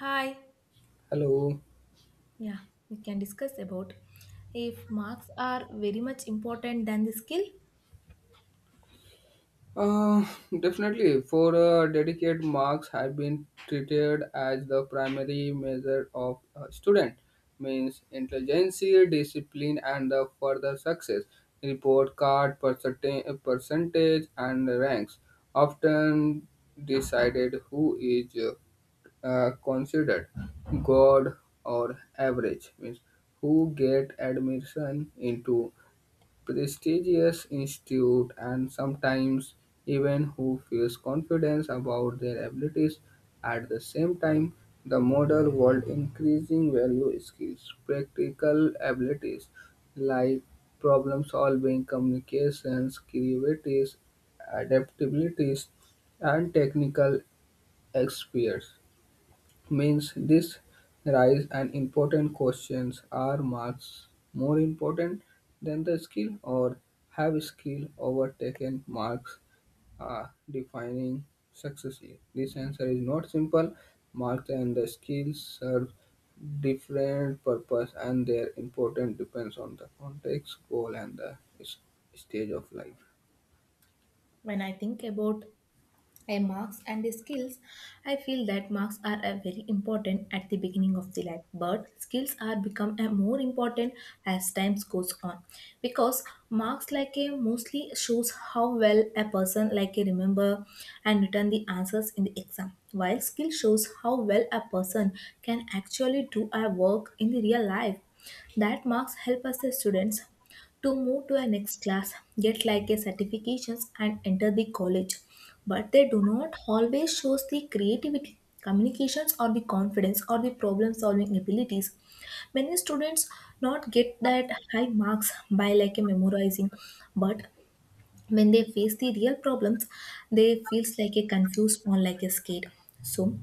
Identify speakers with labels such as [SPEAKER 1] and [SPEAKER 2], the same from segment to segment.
[SPEAKER 1] Hi.
[SPEAKER 2] Hello.
[SPEAKER 1] Yeah, we can discuss about if marks are very much important than the skill.
[SPEAKER 2] Uh, Definitely, for dedicated marks have been treated as the primary measure of a student, means intelligence, discipline, and the further success. Report card percentage and ranks often decided who is considered god or average means who get admission into prestigious institute and sometimes even who feels confidence about their abilities. At the same time, the modern world increasing value skills practical abilities like problem solving communications creativity adaptabilities and technical experts means this rise and important questions are marks more important than the skill, or have skill overtaken marks defining success here. This answer is not simple. Marks and the skills serve different purpose and their importance depends on the context goal and the stage of life.
[SPEAKER 1] When I think about a marks and the skills, I feel that marks are a very important at the beginning of the life, but skills are become a more important as time goes on, because marks like a mostly shows how well a person like a remember and return the answers in the exam, while skill shows how well a person can actually do a work in the real life. That marks help us as students to move to a next class, get like a certifications and enter the college. But they do not always shows the creativity, communications or the confidence or the problem solving abilities. Many students not get that high marks by like a memorizing, but when they face the real problems, they feels like a confused or like a scared. So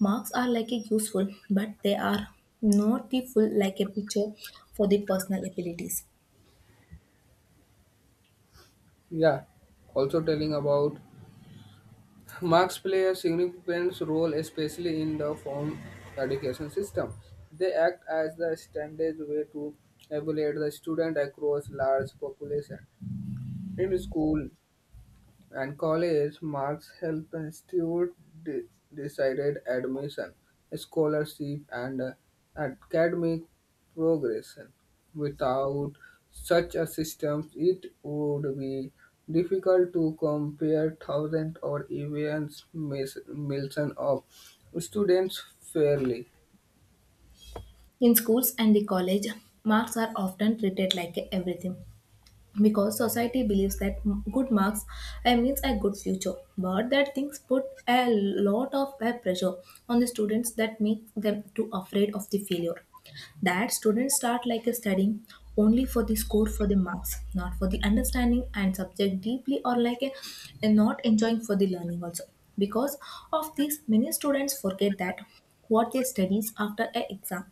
[SPEAKER 1] marks are like a useful, but they are not the full like a picture for the personal abilities.
[SPEAKER 2] Yeah, also telling about marks play a significant role, especially in the formal education system. They act as the standard way to evaluate the student across large population. In school and college, marks help institute de- decided admission, scholarship, and academic progression. Without such a system, it would be difficult to compare thousands or even millions of students fairly.
[SPEAKER 1] In schools and the college, marks are often treated like a everything, because society believes that good marks means a good future. But that things put a lot of pressure on the students that make them too afraid of the failure. That students start like a studying only for the score, for the marks, not for the understanding and subject deeply, or like a not enjoying for the learning also. Because of this, many students forget that what they studies after a exam,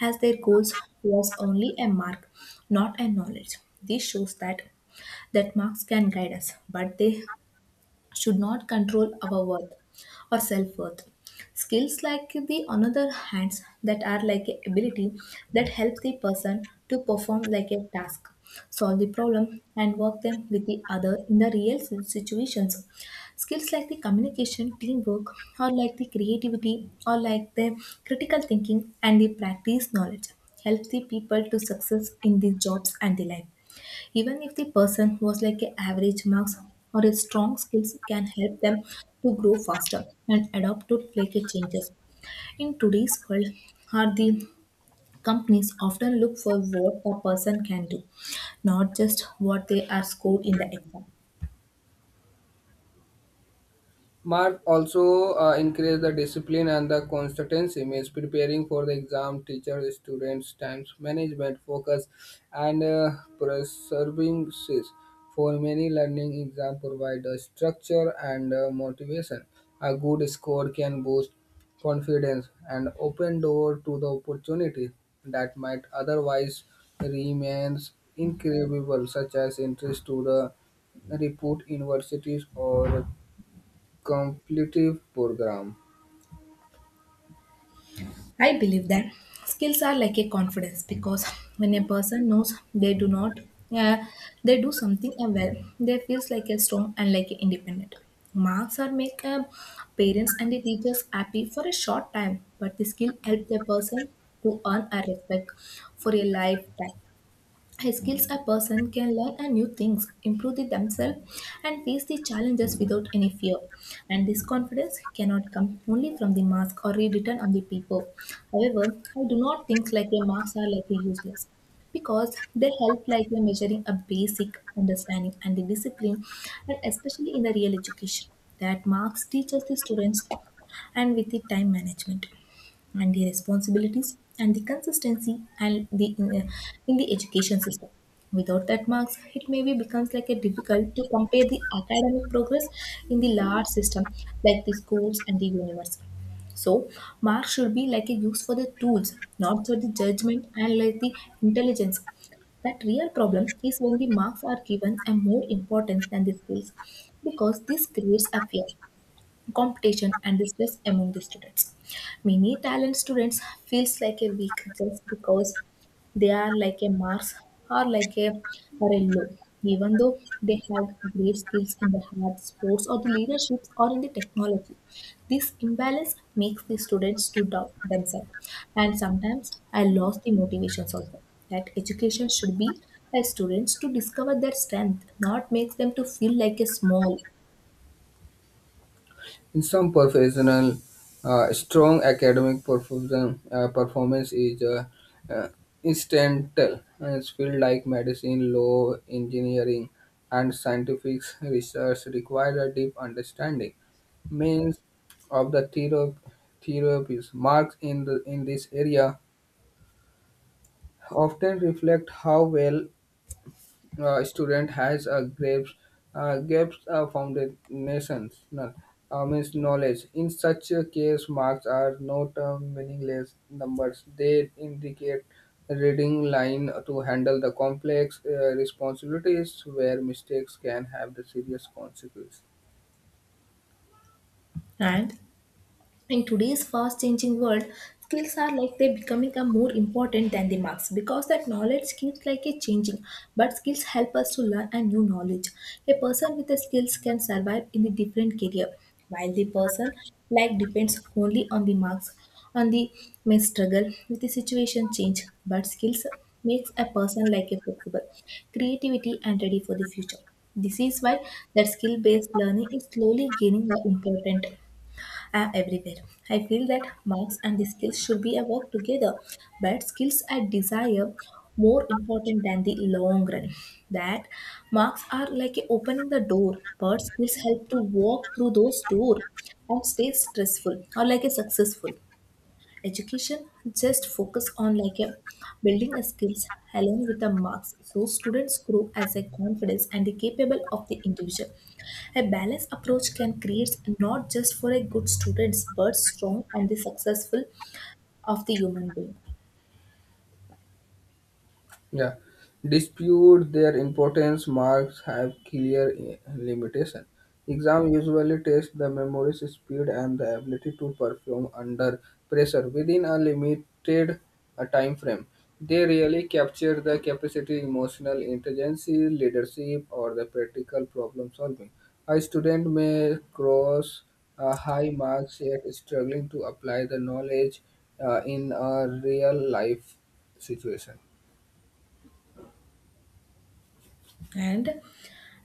[SPEAKER 1] as their goals was only a mark, not a knowledge. This shows that marks can guide us but they should not control our worth or self-worth. Skills like the another hands, that are like a ability that helps the person to perform like a task, solve the problem and work them with the other in the real situations. Skills like the communication, teamwork, or like the creativity, or like the critical thinking and the practice knowledge helps the people to success in the jobs and the life, even if the person was like a average marks, or a strong skills can help them to grow faster and adapt to like a changes. In today's world are the companies often look for what a person can do, not just what they are scored in the exam.
[SPEAKER 2] Mark also increase the discipline and the consistency means preparing for the exam, teacher, students, times management, focus, and services for many learning exam provide a structure and motivation. A good score can boost confidence and open door to the opportunity that might otherwise remains incredible, such as interest to the repute universities or competitive program.
[SPEAKER 1] I believe that skills are like a confidence, because when a person knows they do not, uh, they do something well, they feels like a strong and like a independent. Marks are make parents and the teachers happy for a short time, but the skill helps the person to earn a respect for a lifetime. Skills, a person can learn a new things, improve the themselves, and face the challenges without any fear. And this confidence cannot come only from the mask or rewritten on the paper. However, I do not think like a marks are like a useless, because they help like a measuring a basic understanding and the discipline, and especially in the real education that marks teaches the students, and with the time management and the responsibilities and the consistency and the in the education system, without that marks it maybe becomes like a difficult to compare the academic progress in the large system like the schools and the university. So marks should be like a use for the tools, not for the judgment and like the intelligence. That real problem is when the marks are given a more importance than the skills, because this creates a fear, competition and the stress among the students. Many talent students feels like a weak just because they are like a Mars or like a Morello, even though they have great skills in the hard sports or the leaderships or in the technology. This imbalance makes the students to doubt themselves. And sometimes I lost the motivations also. That education should be by students to discover their strength, not makes them to feel like a small.
[SPEAKER 2] In some professional, strong academic performance is uh, instrumental. And it's like medicine, law, engineering, and scientific research require a deep understanding means of the therapies. Marks in the in this area often reflect how well student has a grapes gaps foundations no, means knowledge. In such a case, marks are not meaningless numbers. They indicate reading line to handle the complex responsibilities where mistakes can have the serious consequences.
[SPEAKER 1] And in today's fast changing world, skills are like they becoming a more important than the marks, because that knowledge keeps like a changing, but skills help us to learn a new knowledge. A person with the skills can survive in the different career, while the person like depends only on the marks, on the may struggle with the situation change, but skills makes a person like a flexible, creativity and ready for the future. This is why that skill-based learning is slowly gaining the important are everywhere. I feel that marks and the skills should be a work together, but skills I desire more important than the long run. That marks are like a opening the door, but skills help to walk through those door and stay stressful or like a successful. Education just focus on like a building a skills along with the marks so students grow as a confidence and the capable of the individual. A balanced approach can create not just for a good students but strong and the successful of the human being.
[SPEAKER 2] Yeah, dispute their importance. Marks have clear limitation. Exam usually test the memory speed and the ability to perform under pressure within a limited time frame. They really capture the capacity, emotional intelligence, leadership, or the practical problem solving. A student may cross high marks yet struggling to apply the knowledge in a real life situation.
[SPEAKER 1] And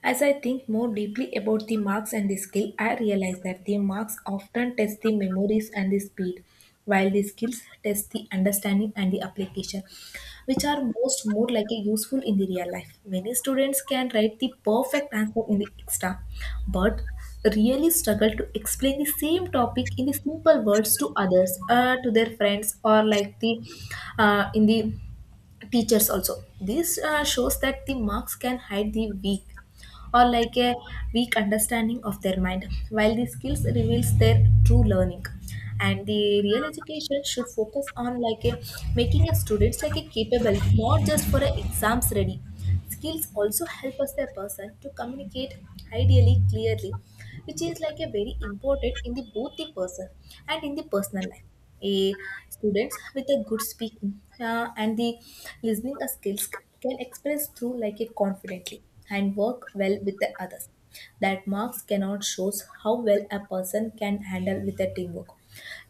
[SPEAKER 1] as I think more deeply about the marks and the skill, I realize that the marks often test the memories and the speed, while the skills test the understanding and the application, which are most more like a useful in the real life. Many students can write the perfect answer in the extra, but really struggle to explain the same topic in the simple words to others, to their friends, or like the in the teachers also. This shows that the marks can hide the weak, or like a weak understanding of their mind, while the skills reveals their true learning. And the real education should focus on like a making a students like a capable, not just for a exams ready. Skills also help us the person to communicate ideally clearly, which is like a very important in the both the person and in the personal life. A students with a good speaking and the listening skills can express through like it confidently and work well with the others. That marks cannot shows how well a person can handle with the teamwork,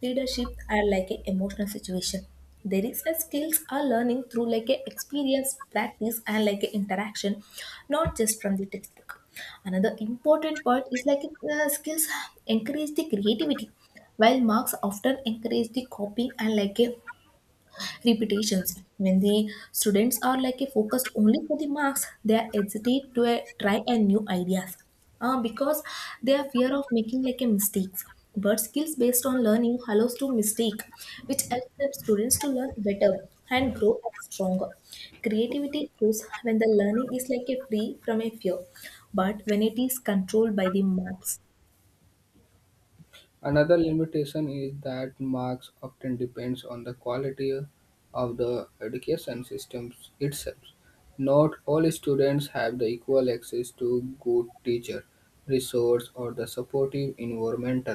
[SPEAKER 1] leadership, are like an emotional situation. There is a skills are learning through like a experience practice and like a interaction, not just from the textbook. Another important part is like skills encourage the creativity, while marks often encourage the copying and like a repetitions. When the students are like a focused only for the marks, they are hesitate to try a new ideas, because they are fear of making like a mistakes. But skills based on learning allows to mistake, which helps the students to learn better and grow as stronger. Creativity grows when the learning is like a free from a fear, but when it is controlled by the marks.
[SPEAKER 2] Another limitation is that marks often depends on the quality of the education system itself. Not all students have the equal access to good teacher, resource or the supportive environment.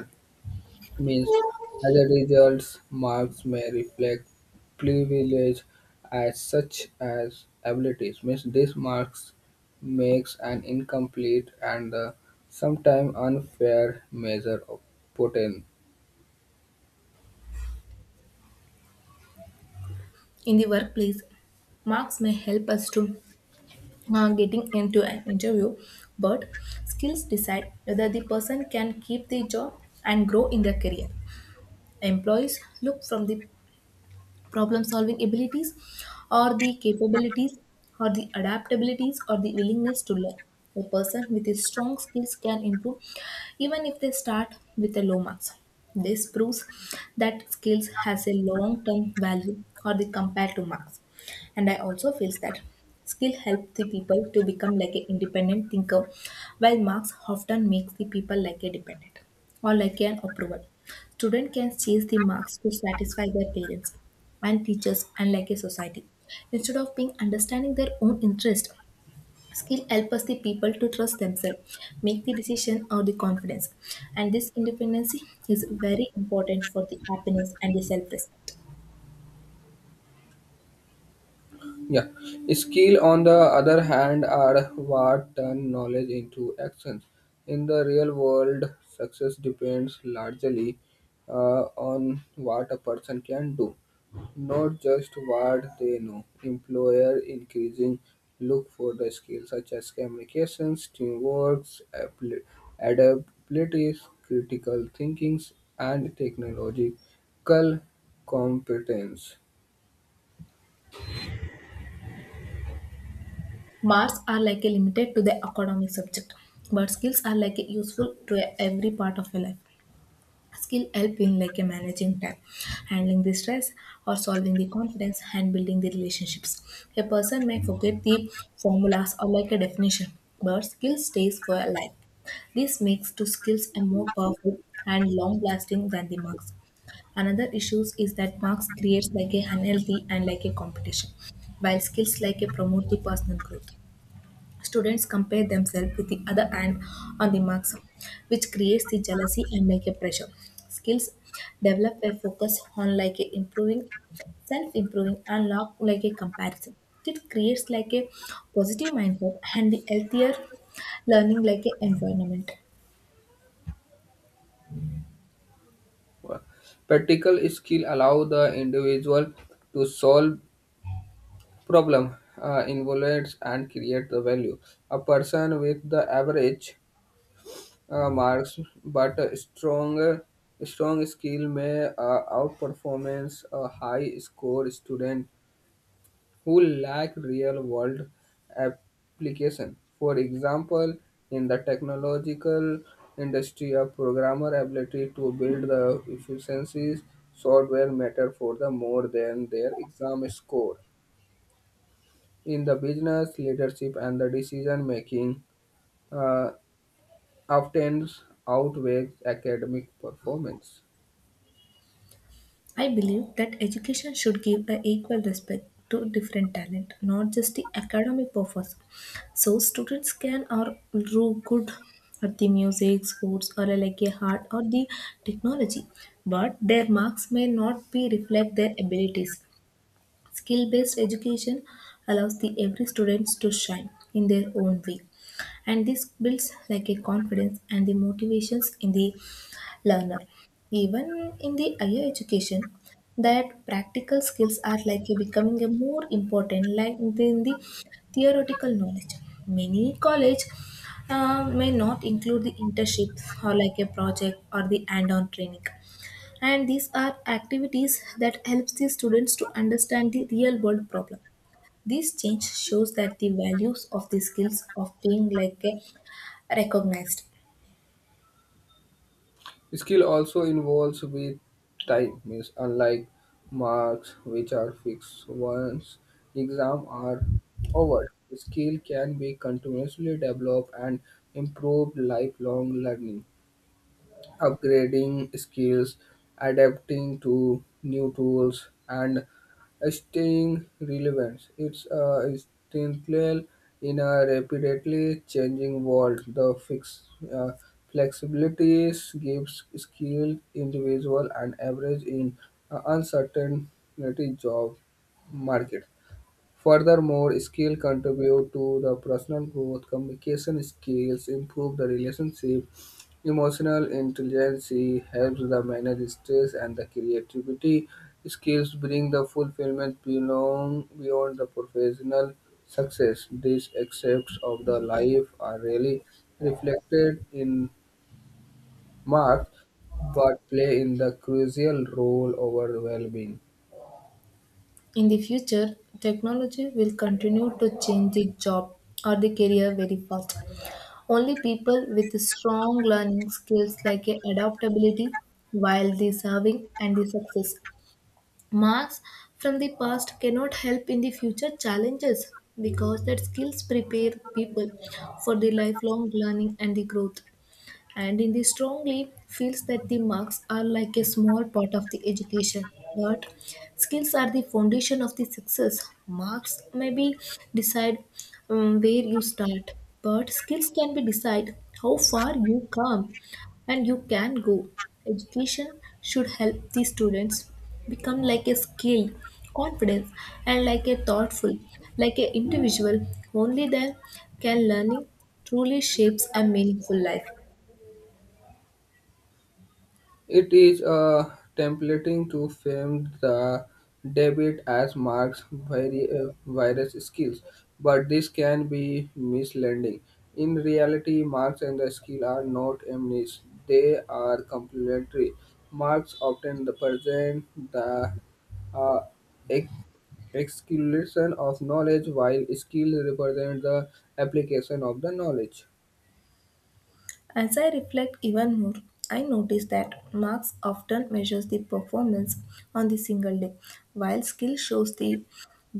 [SPEAKER 2] Means as a result, marks may reflect privilege as such as abilities. Means this marks makes an incomplete and sometimes unfair measure of poten-
[SPEAKER 1] In the workplace, marks may help us to getting into an interview, but skills decide whether the person can keep the job and grow in their career. Employees look from the problem solving abilities, or the capabilities, or the adaptabilities, or the willingness to learn. A person with a strong skills can improve even if they start with a low marks. This proves that skills has a long term value or the compared to marks. And I also feels that skill helps the people to become like an independent thinker, while marks often makes the people like a dependent or like an approval. Student can chase the marks to satisfy their parents and teachers and like a society, instead of being understanding their own interest. Skill help us the people to trust themselves, make the decision or the confidence. And this independency is very important for the happiness and the self-respect.
[SPEAKER 2] Yeah. Skill, on the other hand, are what turn knowledge into actions. In the real world, success depends largely uh, on what a person can do, not just what they know. Employer increasing look for the skills such as communications, teamwork, appli- adaptabilities, critical thinkings, and technological competence.
[SPEAKER 1] Marks are like a limited to the academic subject, but skills are like a useful to every part of your life. Skill help in like a managing time, handling the stress, or solving the confidence and building the relationships. A person may forget the formulas or like a definition, but skill stays for a life. This makes two skills a more powerful and long lasting than the marks. Another issues is that marks creates like a unhealthy and like a competition, while skills like a promote the personal growth. Students compare themselves with the other and on the marks, which creates the jealousy and like a pressure. Skills developed by focus on like a improving, self-improving, and not like a comparison. It creates like a positive mindset and the healthier learning like a environment.
[SPEAKER 2] Practical skill allow the individual to solve problem, involves and create the value. A person with the average marks but a strong skill may outperformance a high score student who lack real world application. For example, in the technological industry, a programmer ability to build the efficiencies software matter for the more than their exam score. In the business, leadership and the decision making uh, often outweighs academic performance.
[SPEAKER 1] I believe that education should give an equal respect to different talent, not just the academic purpose. So students can or do good at the music, sports, or like a art or the technology, but their marks may not be reflect their abilities. Skill-based education allows the every students to shine in their own way, and this builds like a confidence and the motivations in the learner. Even in the higher education, that practical skills are likely becoming a more important like than the theoretical knowledge. Many college may not include the internships or like a project or the hand-on training, and these are activities that helps the students to understand the real world problem. This change shows that the values of the skills of being like a recognized.
[SPEAKER 2] Skill also involves with time, means unlike marks which are fixed once exam are over. Skill can be continuously developed and improved lifelong learning upgrading skills, adapting to new tools, and staying relevant. It's essential in a rapidly changing world. The fix, uh, flexibilities gives skilled individual an average in uncertainty job market. Furthermore, skill contribute to the personal growth, communication skills, improve the relationship, emotional intelligence helps the manage stress and the creativity skills bring the fulfillment beyond the professional success. These aspects of the life are really reflected in marks but play in the crucial role over well-being.
[SPEAKER 1] In the future, technology will continue to change the job or the career very fast. Only people with strong learning skills like a adaptability while the serving and the success marks from the past cannot help in the future challenges, because that skills prepare people for the lifelong learning and the growth, and in the strongly feels that the marks are like a small part of the education, but skills are the foundation of the success. Marks maybe decide where you start, but skills can be decide how far you come and you can go. Education should help the students become like a skill, confidence, and like a thoughtful like a individual. Only then can learning truly shapes a meaningful life.
[SPEAKER 2] It is a templating to frame the debit as Marx's virus skills, but this can be misleading. In reality, Marx and the skill are not enemies; they are complementary. Marx often present the uh, ex- accumulation of knowledge, while skill represent the application of the knowledge.
[SPEAKER 1] As I reflect even more, I notice that marks often measures the performance on the single day, while skill shows the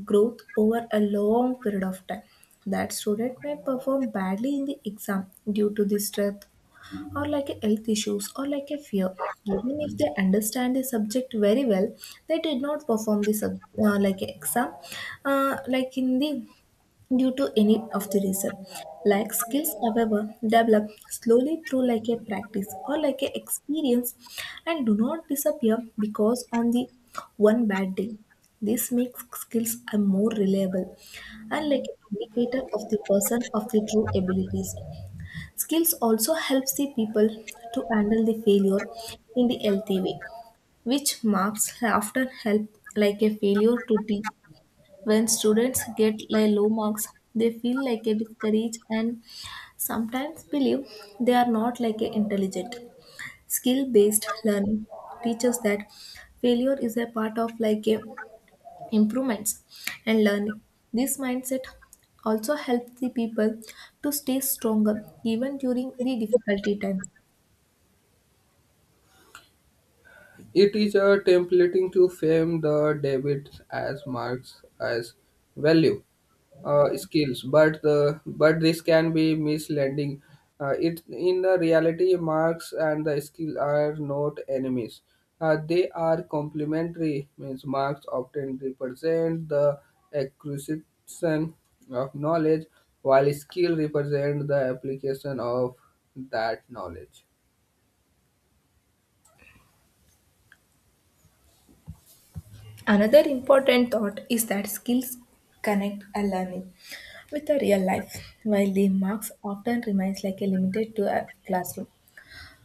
[SPEAKER 1] growth over a long period of time. That student may perform badly in the exam due to the stress or like a health issues or like a fear. Even if they understand the subject very well, they did not perform the like a exam, like in the due to any of the reason. Like skills, however, develop slowly through like a practice or like a experience and do not disappear because on the one bad day. This makes skills are more reliable and like an indicator of the person of the true abilities. Skills also helps the people to handle the failure in the healthy way, which marks often help like a failure to the when students get like low marks, they feel like a discouraged and sometimes believe they are not like a intelligent. Skill-based learning teaches that failure is a part of like a improvements and learning. This mindset also helps the people to stay stronger even during the difficulty times.
[SPEAKER 2] It is a templating to frame the debits as marks as value skills, but the but this can be misleading. It in the reality, marks and the skill are not enemies. They are complementary. Means marks often represent the acquisition of knowledge, while skill represent the application of that knowledge.
[SPEAKER 1] Another important thought is that skills connect a learning with a real life, while the marks often remains like a limited to a classroom.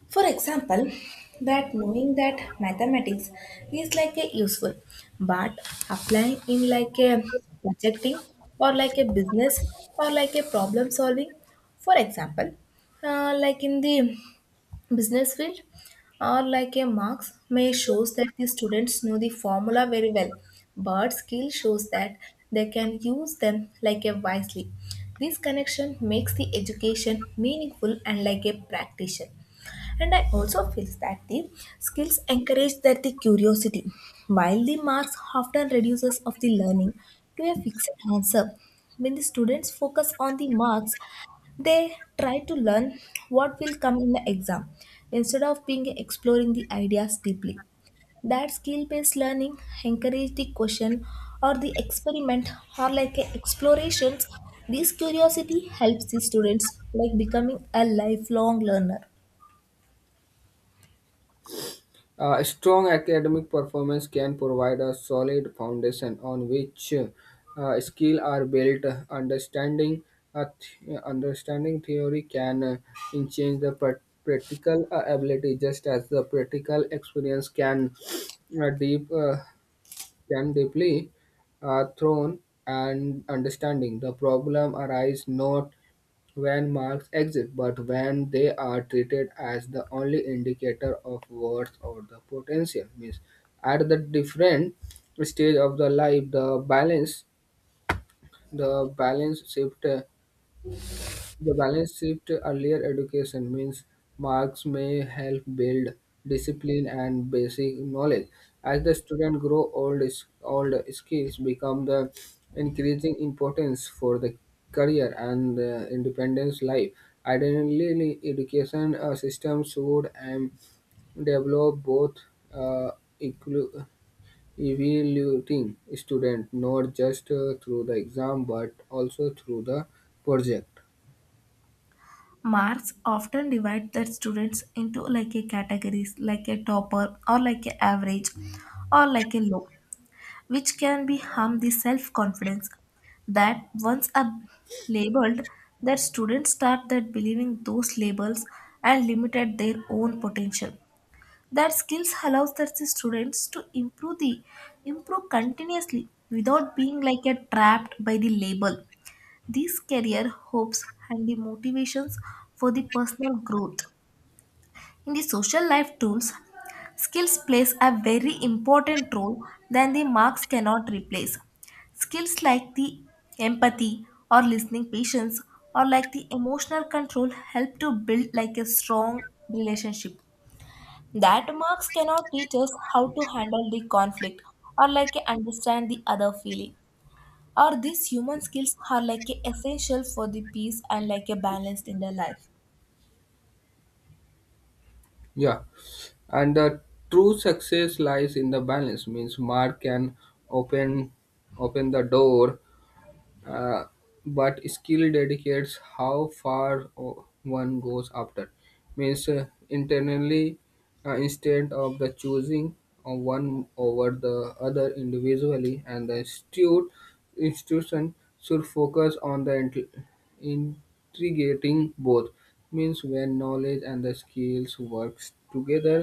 [SPEAKER 1] For example, that knowing that mathematics is like a useful, but applying in like a projecting or like a business or like a problem solving. For example, like in the business field or like a marks may shows that the students know the formula very well, but skill shows that they can use them like a wisely. This connection makes the education meaningful and like a practitioner, and I also feel that the skills encourage that the curiosity while the marks often reduces of the learning to a fixed answer. When the students focus on the marks, they try to learn what will come in the exam instead of being exploring the ideas deeply. That skill-based learning encourage the question or the experiment or like a explorations. This curiosity helps the students like becoming a lifelong learner.
[SPEAKER 2] A strong academic performance can provide a solid foundation on which skills are built. Understanding Understanding theory can enhance the practical ability, just as the practical experience can uh, deep. Uh, deeply thrown and understanding. The problem arise not when marks exist, but when they are treated as the only indicator of worth or the potential. Means at the different stage of the life, the balance shift uh, the balance shift earlier education means marks may help build discipline and basic knowledge. As the student grow old, old skills become the increasing importance for the career and the independence life. Ideally, education system should develop both uh, equal- evaluating student not just through the exam but also through the project.
[SPEAKER 1] Marks often divide their students into like a categories like a topper or like a average or like a low, which can be harm the self-confidence that once are labeled, their students start that believing those labels and limited their own potential. That skills allows their students to improve continuously without being like a trapped by the label. These career hopes and the motivations for the personal growth. In the social life tools, skills plays a very important role that the marks cannot replace. Skills like the empathy or listening patience or like the emotional control help to build like a strong relationship. That marks cannot teach us how to handle the conflict or like understand the other feeling. Or these human skills are like a essential for the peace and like a balance in their life.
[SPEAKER 2] Yeah, and the true success lies in the balance. Means Mark can open open the door, uh, but skill dedicates how far one goes after means internally instead of the choosing of one over the other individually and the institute institution should focus on the integrating both means when knowledge and the skills works together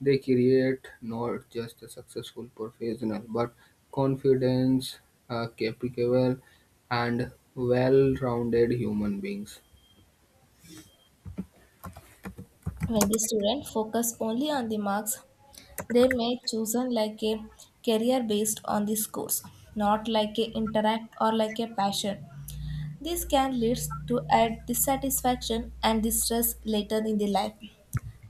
[SPEAKER 2] they create not just a successful professional but confidence capable and well-rounded human beings.
[SPEAKER 1] When the student focus only on the marks, they may chosen like a career based on the scores, not like a interact or like a passion. This can lead to a dissatisfaction and distress later in the life.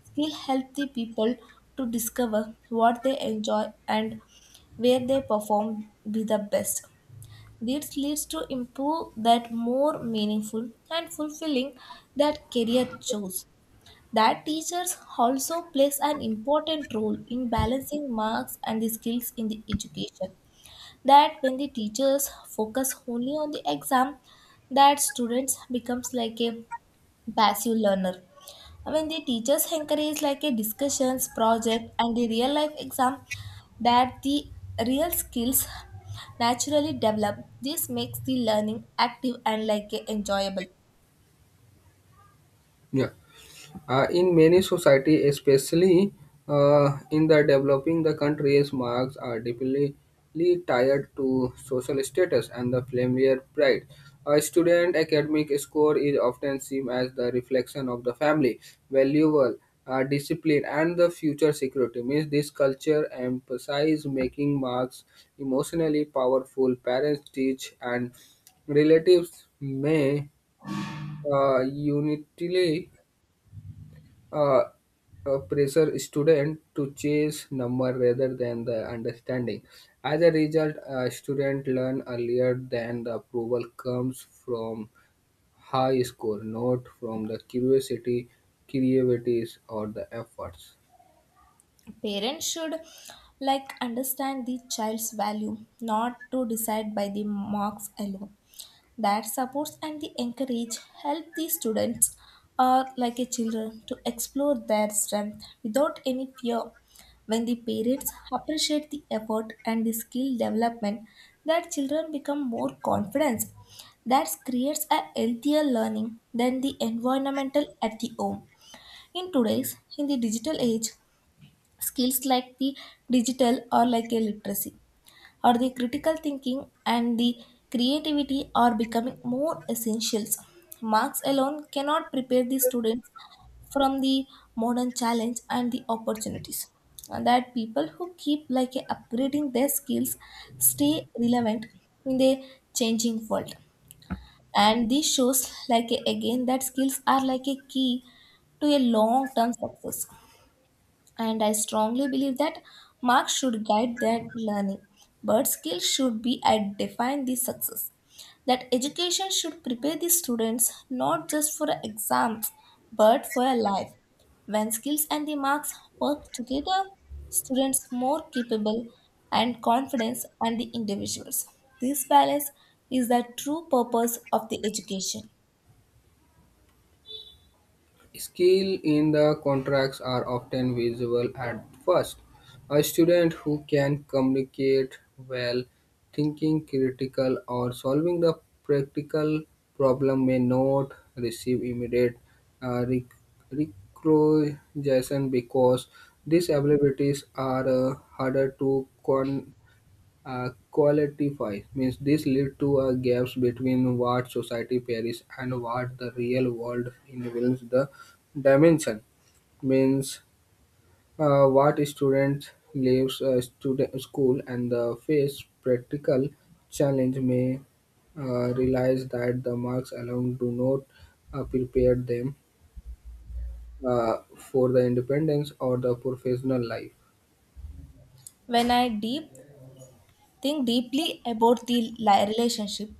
[SPEAKER 1] Skill help the people to discover what they enjoy and where they perform be the best. This leads to improve that more meaningful and fulfilling that career choice. That teachers also plays an important role in balancing marks and the skills in the education. That when the teachers focus only on the exam, that students becomes like a passive learner. When the teachers encourage like a discussions project and the real life exam, that the real skills naturally develop. This makes the learning active and like a enjoyable.
[SPEAKER 2] Yeah. In many society, especially in the developing the countries, marks are deeply tied to social status and the familiar pride. A student academic score is often seen as the reflection of the family, valuable, discipline, and the future security. Means this culture emphasizes making marks emotionally powerful. Parents teach and relatives may unitarily uh, pressure student to chase number rather than the understanding. As a result, a student learn earlier than the approval comes from high score, not from the curiosity, creativities, or the efforts.
[SPEAKER 1] Parents should like understand the child's value not to decide by the marks alone. That supports and the encourage help the students or like a children to explore their strength without any fear. When the parents appreciate the effort and the skill development, that children become more confident. That creates a healthier learning than the environmental at the home. In today's in the digital age, skills like the digital or like a literacy or the critical thinking and the creativity are becoming more essentials. Marks alone cannot prepare the students from the modern challenge and the opportunities. And that people who keep like upgrading their skills stay relevant in the changing world. And this shows like again that skills are like a key to a long term success, and I strongly believe that marks should guide their learning, but skills should be at define the success. That education should prepare the students not just for exams but for a life. When skills and the marks work together, students more capable and confidence and the individuals. This balance is the true purpose of the education.
[SPEAKER 2] Skill in the contracts are often visible at first. A student who can communicate well, thinking critical or solving the practical problem may not receive immediate uh, rec- recognition because these abilities are harder to quantify qualifies means this leads to a gaps between what society peries and what the real world enables the dimension means what student leaves student school and the face practical challenge may realize that the marks alone do not prepare them for the independence or the professional life.
[SPEAKER 1] When I deep think deeply about the relationship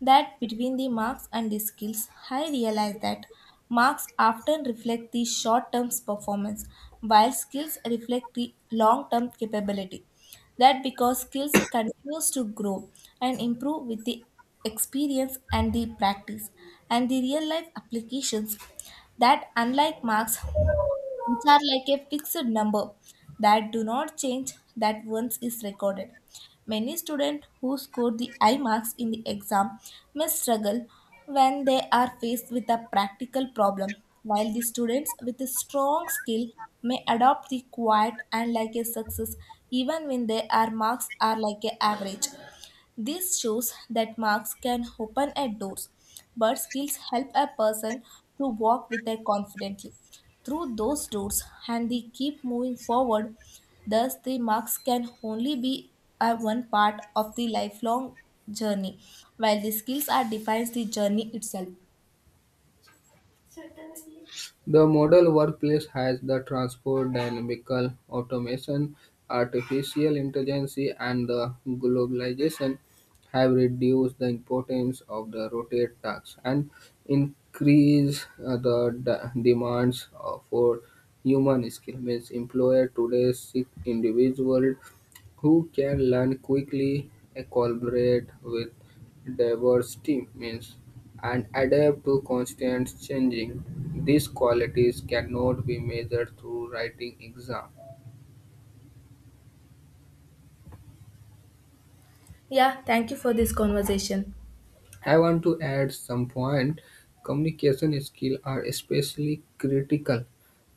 [SPEAKER 1] that between the marks and the skills, I realize that marks often reflect the short-term performance, while skills reflect the long-term capability. That because skills continues to grow and improve with the experience and the practice and the real life applications, that unlike marks which are like a fixed number that do not change that once is recorded. Many students who score the high marks in the exam may struggle when they are faced with a practical problem, while the students with a strong skill may adopt the quiet and like a success even when their marks are like a average. This shows that marks can open at doors, but skills help a person to walk with a confidently through those doors and they keep moving forward. Thus, the marks can only be a one part of the lifelong journey, while the skills are defines the journey itself.
[SPEAKER 2] The modern workplace has the transport, dynamical automation, artificial intelligence, and the globalization have reduced the importance of the rotate tasks and increase demands for human skill. Means employer today seek individual who can learn quickly, collaborate with diverse team. Means and adapt to constant changing. These qualities cannot be measured through writing exam.
[SPEAKER 1] Yeah, thank you for this conversation.
[SPEAKER 2] I want to add some point. Communication skills are especially critical.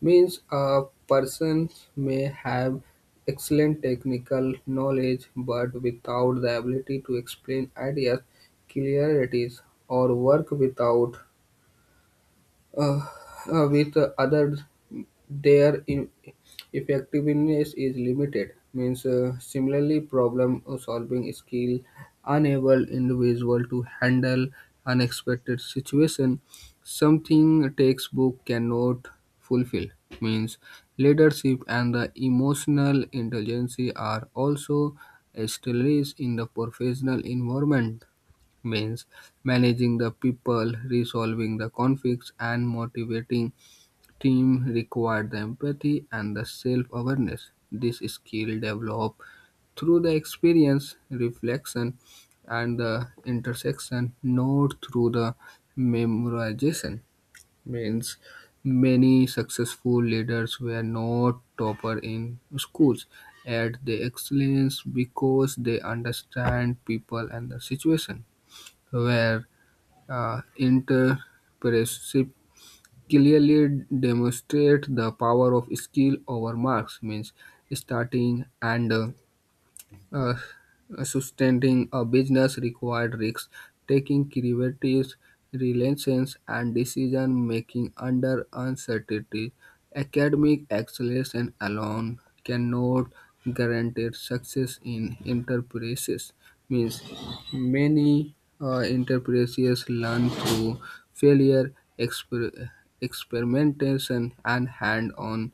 [SPEAKER 2] Means a person may have excellent technical knowledge but without the ability to explain ideas, clearities, or work without uh, with others their effectiveness is limited means similarly problem solving skill enable individual to handle unexpected situation something textbook cannot fulfill means leadership and the emotional intelligence are also established in the professional environment means managing the people, resolving the conflicts, and motivating team require the empathy and the self-awareness. This skill develop through the experience, reflection, and the intersection, not through the memorization. Means many successful leaders were not topper in schools, yet they excellence because they understand people and the situation. Were entrepreneurship clearly demonstrate the power of skill over marks means starting and uh, sustaining a business required risks, taking creative relations and decision making under uncertainty. Academic excellence alone cannot guarantee success in enterprises. Means many enterprises learn through failure, experimentation, and hand-on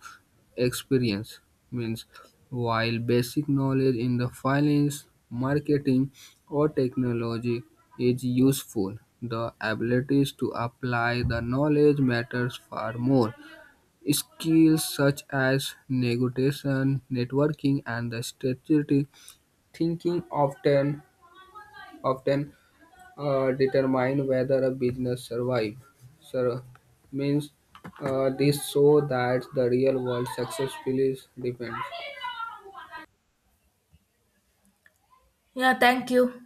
[SPEAKER 2] experience means while basic knowledge in the finance, marketing, or technology is useful, the abilities to apply the knowledge matters far more. Skills such as negotiation, networking, and the strategic thinking often determine whether a business survive. Sur- means this show that the real world successfully depends.
[SPEAKER 1] Yeah, thank you.